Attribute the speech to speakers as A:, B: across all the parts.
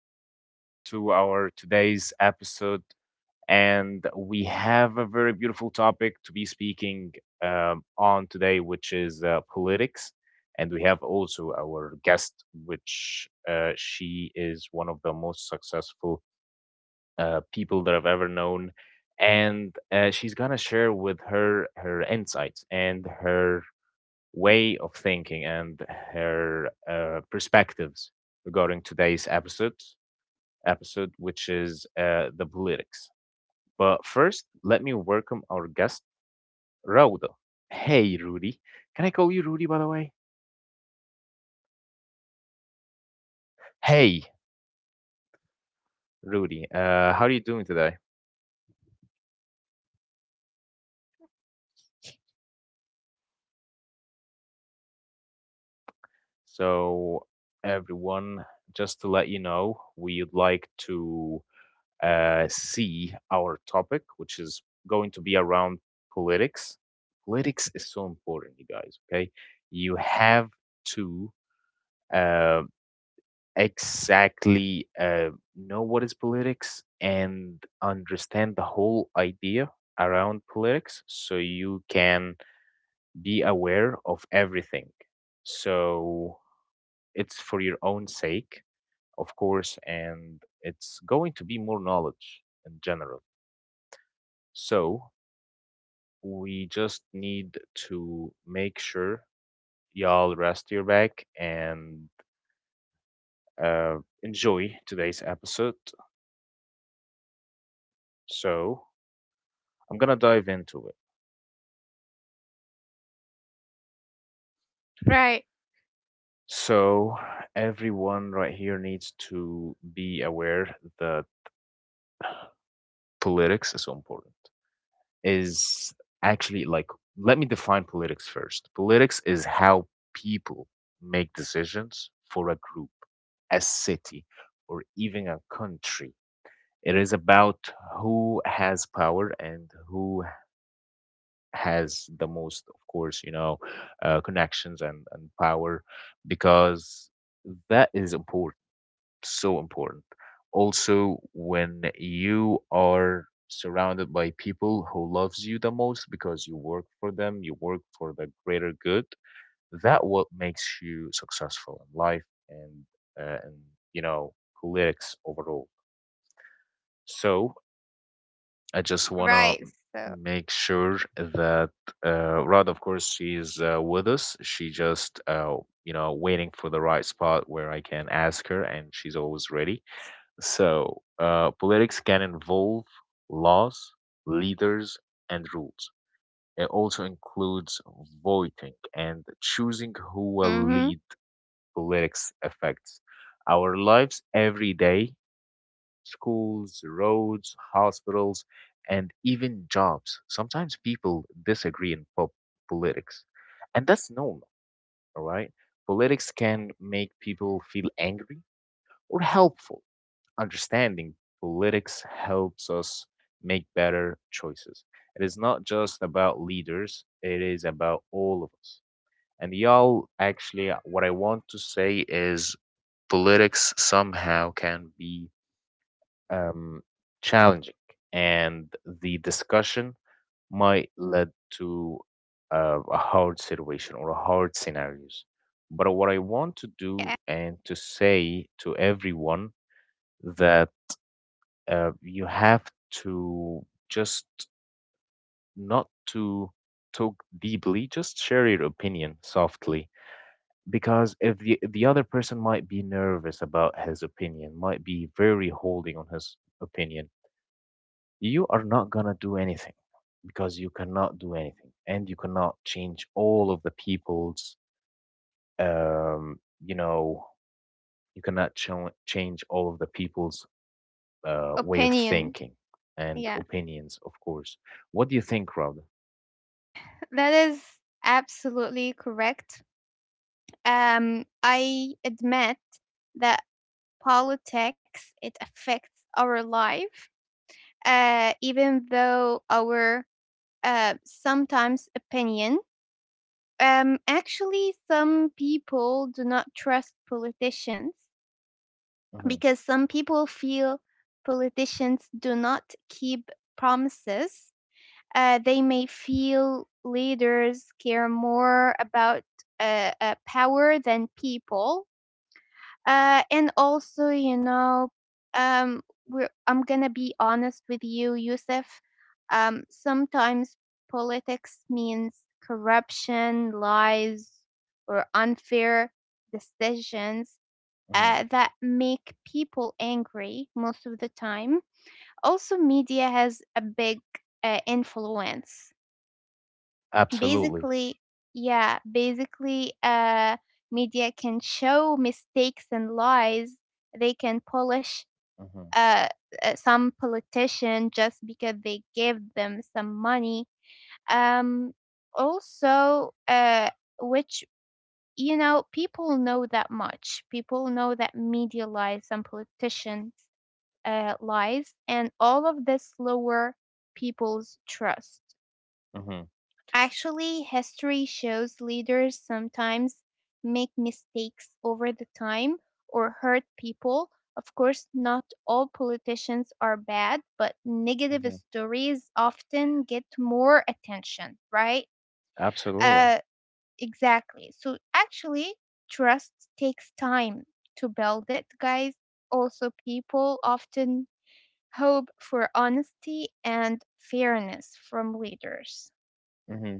A: Welcome back to our today's episode. And we have a very beautiful topic to be speaking on today, which is politics. And we have also our guest, which she is one of the most successful people that I've ever known. And she's going to share with her insights and her way of thinking and her perspectives regarding today's episode, which is the politics. But first, let me welcome our guest, Raudo. Hey, Rudy. Can I call you Rudy, by the way? Hey, Rudy. How are you doing today? So, everyone, just to let you know, we'd like to see our topic, which is going to be around politics. Politics is so important, you guys, okay? You have to uh, exactly know what is politics and understand the whole idea around politics so you can be aware of everything. So it's for your own sake, of course, and it's going to be more knowledge in general. So we just need to make sure y'all rest your back and uh, enjoy today's episode. So I'm gonna dive into it. So everyone right here needs to be aware that politics is so important. Is actually like let me define politics first. Politics is how people make decisions for a group, a city, or even a country. It is about who has power and who has the most, of course, you know, connections and power, because that is important, so important. Also, when you are surrounded by people who loves you the most because you work for them, you work for the greater good, that what makes you successful in life and and you know politics overall. So I just wanna make sure that Rod, of course, she's with us. She just, you know, waiting for the right spot where I can ask her, and she's always ready. So, politics can involve laws, leaders, and rules. It also includes voting and choosing who will lead. Politics affects our lives every day: schools, roads, hospitals, and even jobs. Sometimes people disagree in politics, and that's normal, all right? Politics can make people feel angry or helpful. Understanding politics helps us make better choices. It is not just about leaders, it is about all of us. And y'all, actually, what I want to say is politics somehow can be um, challenging, and the discussion might lead to a hard situation or hard scenarios. But what I want to do and to say to everyone that you have to just not to talk deeply, just share your opinion softly, because if the other person might be nervous about his opinion, might be very holding on his opinion, you are not going to do anything, because you cannot do anything and you cannot change all of the people's um you know you cannot change all of the people's way of thinking and opinions, of course. What do you think, Rhoda? Mm-hmm, hmm Absolutely. Mm-hmm, hmm hmm Absolutely. Hmm.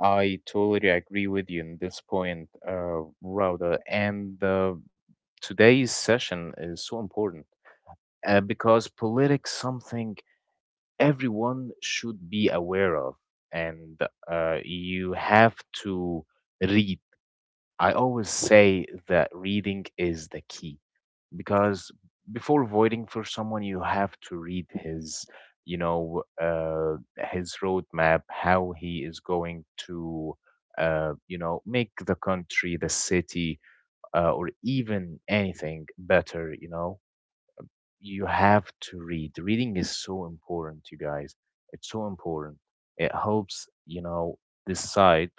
A: I totally agree with you in this point, Rauda. And today's session is so important because politics something everyone should be aware of, and you have to read. I always say that reading is the key, because before voting for someone you have to read his, you know, his roadmap, how he is going to you know, make the country, the city, or even anything better. You know, you have to read. Reading is so important, you guys. It's so important. It helps, you know, decide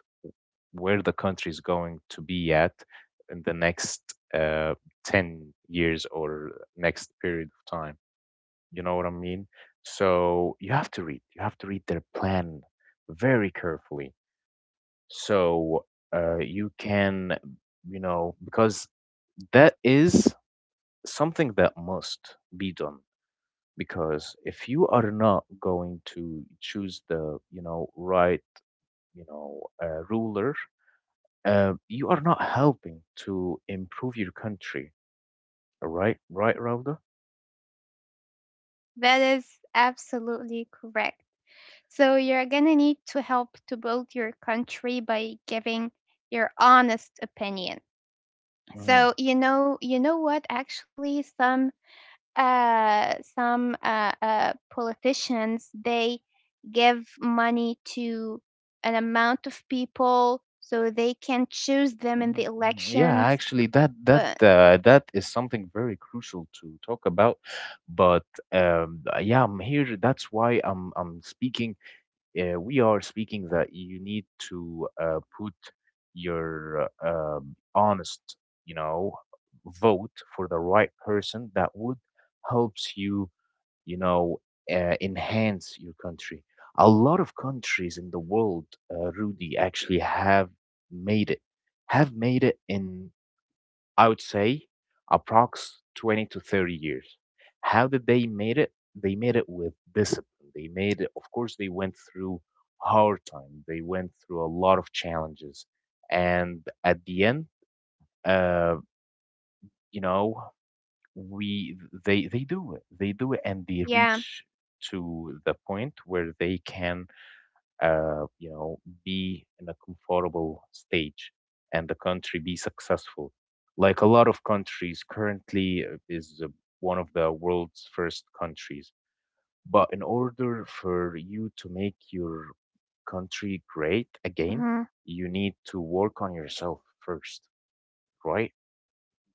A: where the country is going to be at in the next 10 years or next period of time. You know what I mean? So you have to read. You have to read their plan very carefully. So you can, you know, because that is something that must be done. Because if you are not going to choose the, you know, right, you know, ruler, you are not helping to improve your country. All right, right, Rauda? Mm-hmm, mm-hmm, mm-hmm. Yeah, actually, that that is something very crucial to talk about. But yeah, I'm here. That's why I'm speaking, we are speaking, that you need to put your honest, you know, vote for the right person that would helps you, you know, enhance your country. A lot of countries in the world, Rudy, actually made it, have made it in, I would say, approx 20 to 30 years. How did they made it? They made it with discipline. They made it, of course, they went through hard time. They went through a lot of challenges. And at the end, uh, you know, we they do it. They do it and they reach to the point where they can, you know, be in a comfortable stage and the country be successful. Like a lot of countries currently is one of the world's first countries. But in order for you to make your country great again, you need to work on yourself first, right?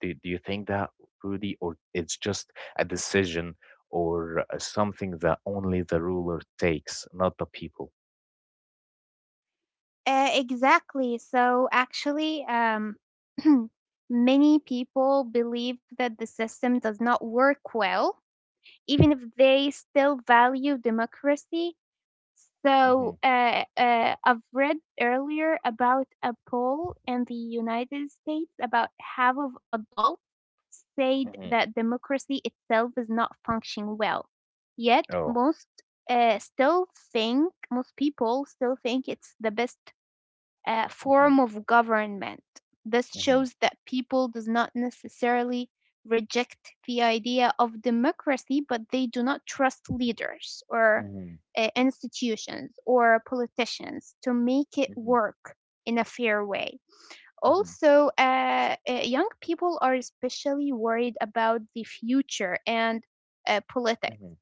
A: Do you think that, Rudy, or it's just a decision or something that only the ruler takes, not the people? Hmm. Hmm. Oh. Mhm, mhm, mhm, mhm, mhm, mhm,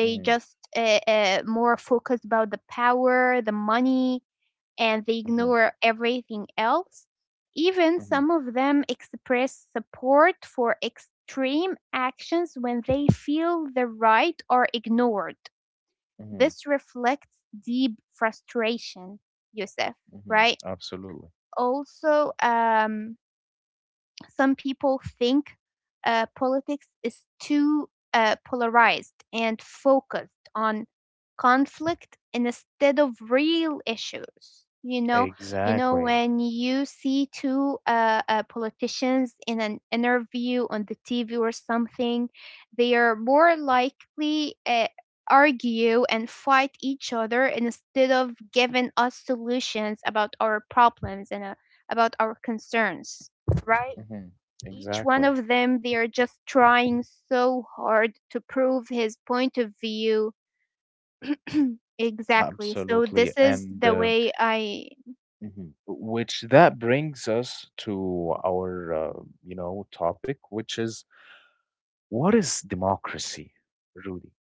A: mhm, mhm, mhm, mhm, mhm Absolutely. Exactly. Mhm. Exactly. Absolutely. And mhm, which that brings us to our you know, topic, which is: what is democracy, Rudy?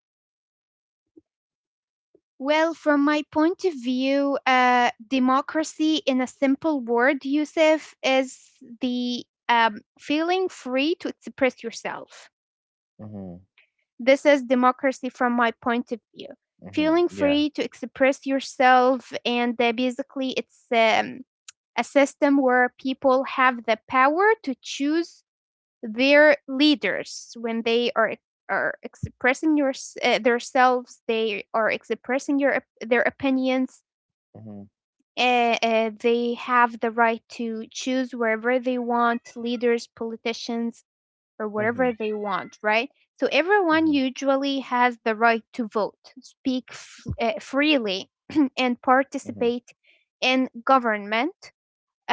A: Mm-hmm. Mm-hmm. Yeah. Mm-hmm. Mm-hmm. Mm-hmm. Mm-hmm.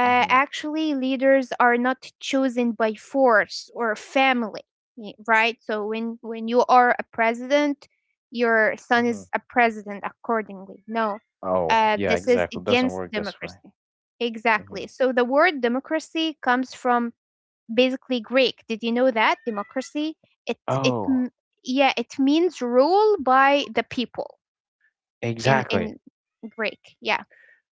A: Mm-hmm. Hmm. Oh, yeah, exactly. It doesn't work this way. Mm-hmm. Oh, exactly.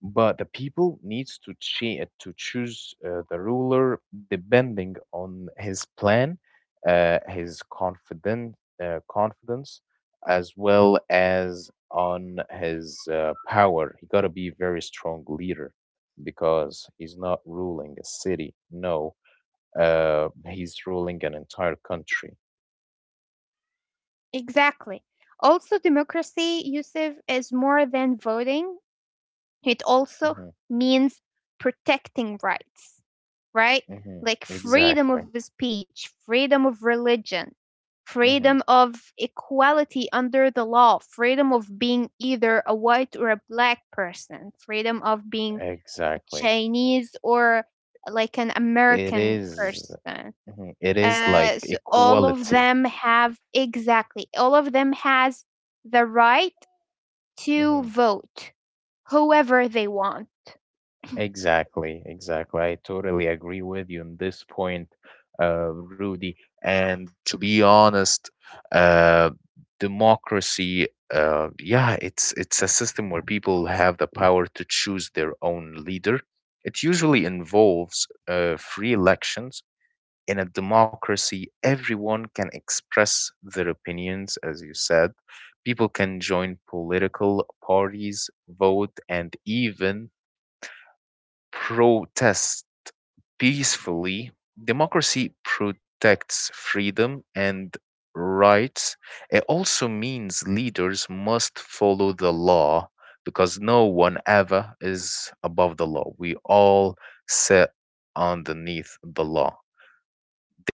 A: But the people needs to to choose the ruler depending on his plan, his confident confidence, as well as on his power. He gotta be very strong leader, because he's not ruling a city. No, he's ruling an entire country. Hmm. Hmm. Exactly. Hmm. Exactly. It is, mhm, it is like equality. Hmm. Exactly, exactly. I totally agree with you on this point, Rudy. And to be honest, uh, democracy, yeah, it's a system where people have the power to choose their own leader. It usually involves free elections. In a democracy, everyone can express their opinions, as you said. People can join political parties, vote, and even protest peacefully. Democracy protects freedom and rights. It also means leaders must follow the law, because no one ever is above the law. We all sit underneath the law.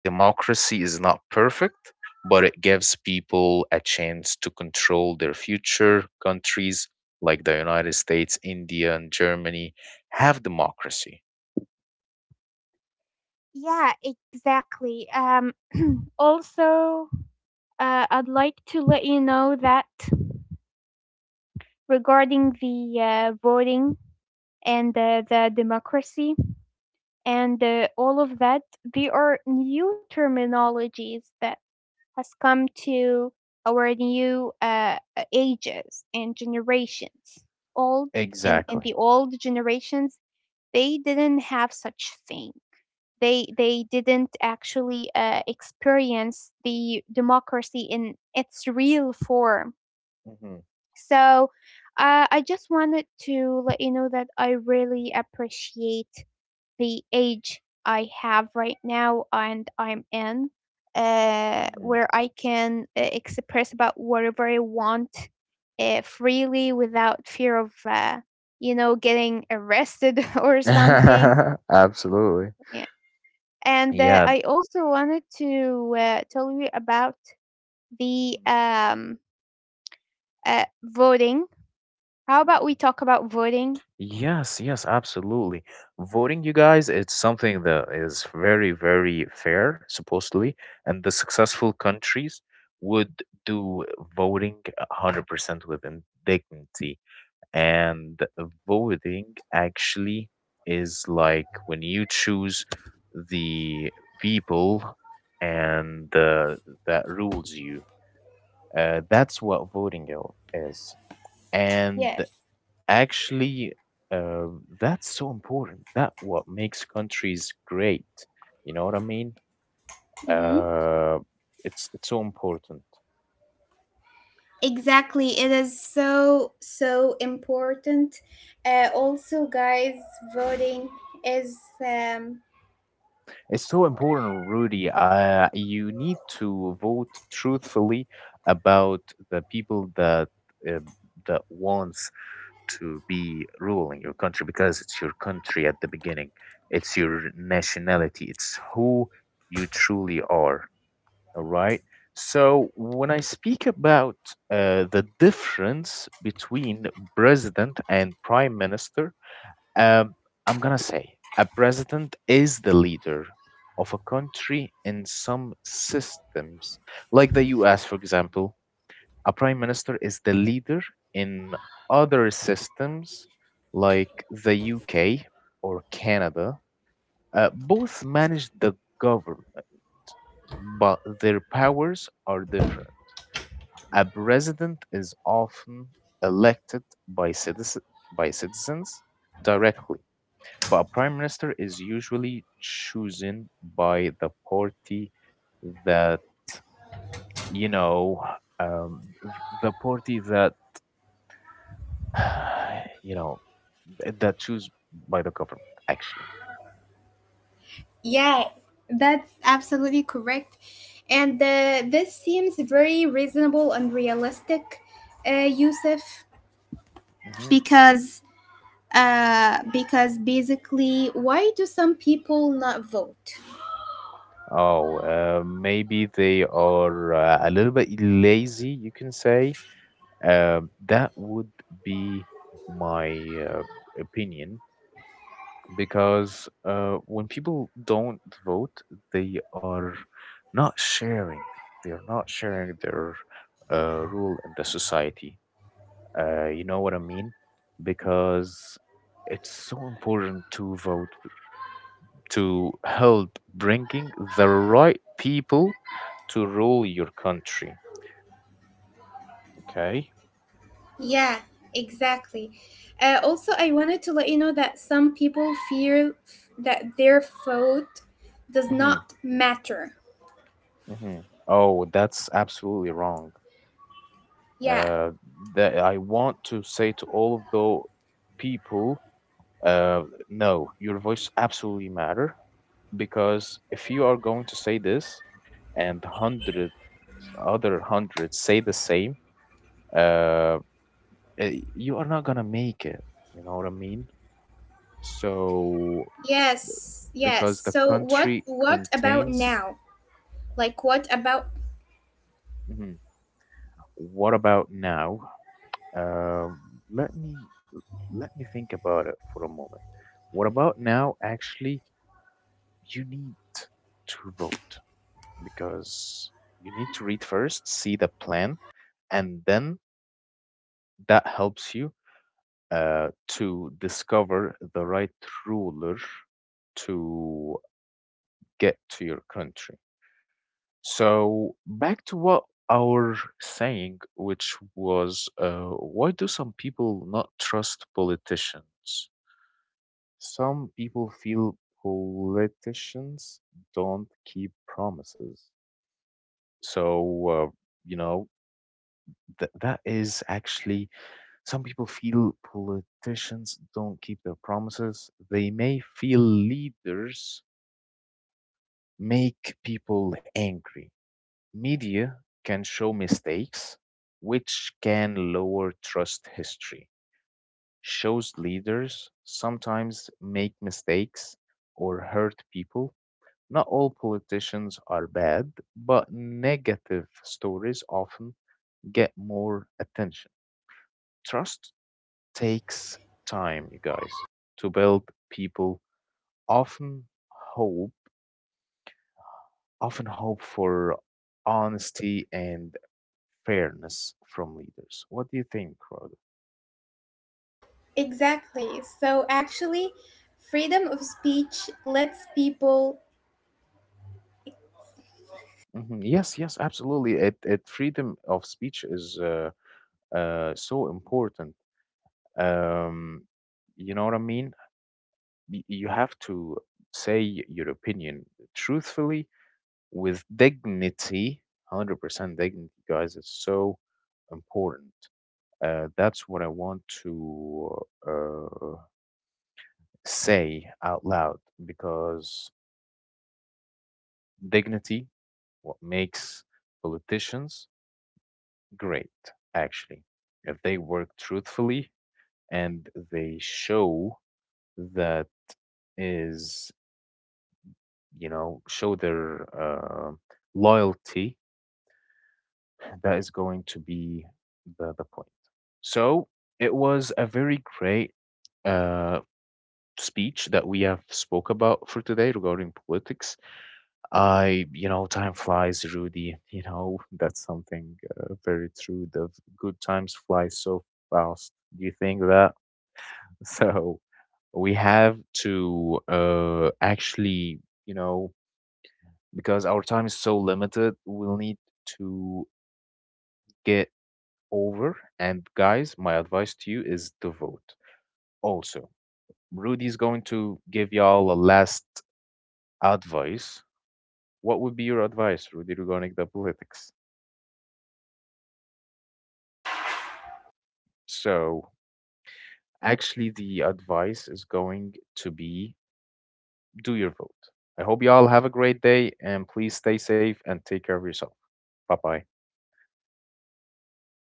A: Democracy is not perfect, but it gives people a chance to control their future. Countries like the United States, India, and Germany have democracy. Exactly. Hmm. Hmm. Absolutely. Yeah. Mhm, mhm. Yes, yes, absolutely. Voting, you guys, it's something that is very, very fair, supposedly, and the successful countries would do voting 100% with dignity. And voting actually is like when you choose the people and that rules you. That's what voting is. And
B: Yes.
A: actually, uh, that's so important. That what makes countries great. You know what I mean?
B: Mm-hmm.
A: Uh, it's so important.
B: Exactly. It is so, so important. Also, guys, voting is, um,
A: It's so important, Rudy. You need to vote truthfully about the people that uh, that wants to be ruling your country, because it's your country at the beginning. It's your nationality. It's who you truly are. All right. So when I speak about the difference between president and prime minister, um, I'm gonna say a president is the leader of a country in some systems, like the U.S., for example. A prime minister is the leader in other systems, like the U.K. or Canada. Both manage the government, but their powers are different. A president is often elected by citizens directly, but a prime minister is usually chosen by the party that, you know, um, th- the party that, you know, that choose by the government, actually.
B: yeah, that's absolutely correct. And this seems very reasonable and realistic, Yusuf,
A: Hmm.
B: because because basically, why do some people not vote?
A: Oh, maybe they are a little bit lazy, you can say. That would be my uh, opinion. Because when people don't vote, they are not sharing. They are not sharing their role in the society. You know what I mean? Because it's so important to vote to help bringing the right people to rule your country. Okay.
B: Yeah, exactly. Also, I wanted to let you know that some people fear that their vote does
A: Mm-hmm.
B: not matter.
A: Mm-hmm. Oh, that's absolutely wrong.
B: Yeah.
A: Uh, that I want to say to all of the people: Uh, no, your voice absolutely matter, because if you are going to say this and hundred other hundreds say the same, uh, you are not gonna make it. You know what I mean? So b-
B: Yes. Yes.
A: because the
B: So what?
A: country
B: What about
A: contains.
B: now? Like what about
A: Mhm. What about now? Uh, Let me let me think about it for a moment. What about now? Actually, you need to vote, because you need to read first, see the plan, and then that helps you to discover the right ruler to get to your country. So, back to what our saying, which was why do some people not trust politicians? Some people feel politicians don't keep promises. So, you know, that is actually, some people feel politicians don't keep their promises. They may feel leaders make people angry. Media can show mistakes, which can lower trust. History shows leaders sometimes make mistakes or hurt people. Not all politicians are bad, but negative stories often get more attention. Trust takes time, you guys, to build. People often hope, often hope for honesty and fairness from leaders. What do you think, Rhoda?
B: exactly? So actually, freedom of speech lets people
A: Hmm. Yes, yes, absolutely. It Freedom of speech is so important. Um, you know what I mean? You have to say your opinion truthfully with dignity, 100% dignity, guys. It's so important. That's what I want to uh, say out loud, because dignity, what makes politicians great, actually. If they work truthfully and they show that is, you know, show their uh, loyalty, that is going to be the point. So it was a very great uh, speech that we have spoke about for today regarding politics. I, you know, time flies, Rudy. You know, that's something very true. The good times fly so fast. Do you think that? So we have to actually, you know, because our time is so limited, we'll need to get over. And guys, my advice to you is to vote. Also, Rudy's going to give y'all a last advice. What would be your advice, Rudy, regarding the politics? So, actually, the advice is going to be do your vote. I hope y'all have a great day and please stay safe and take care of yourself. Bye bye.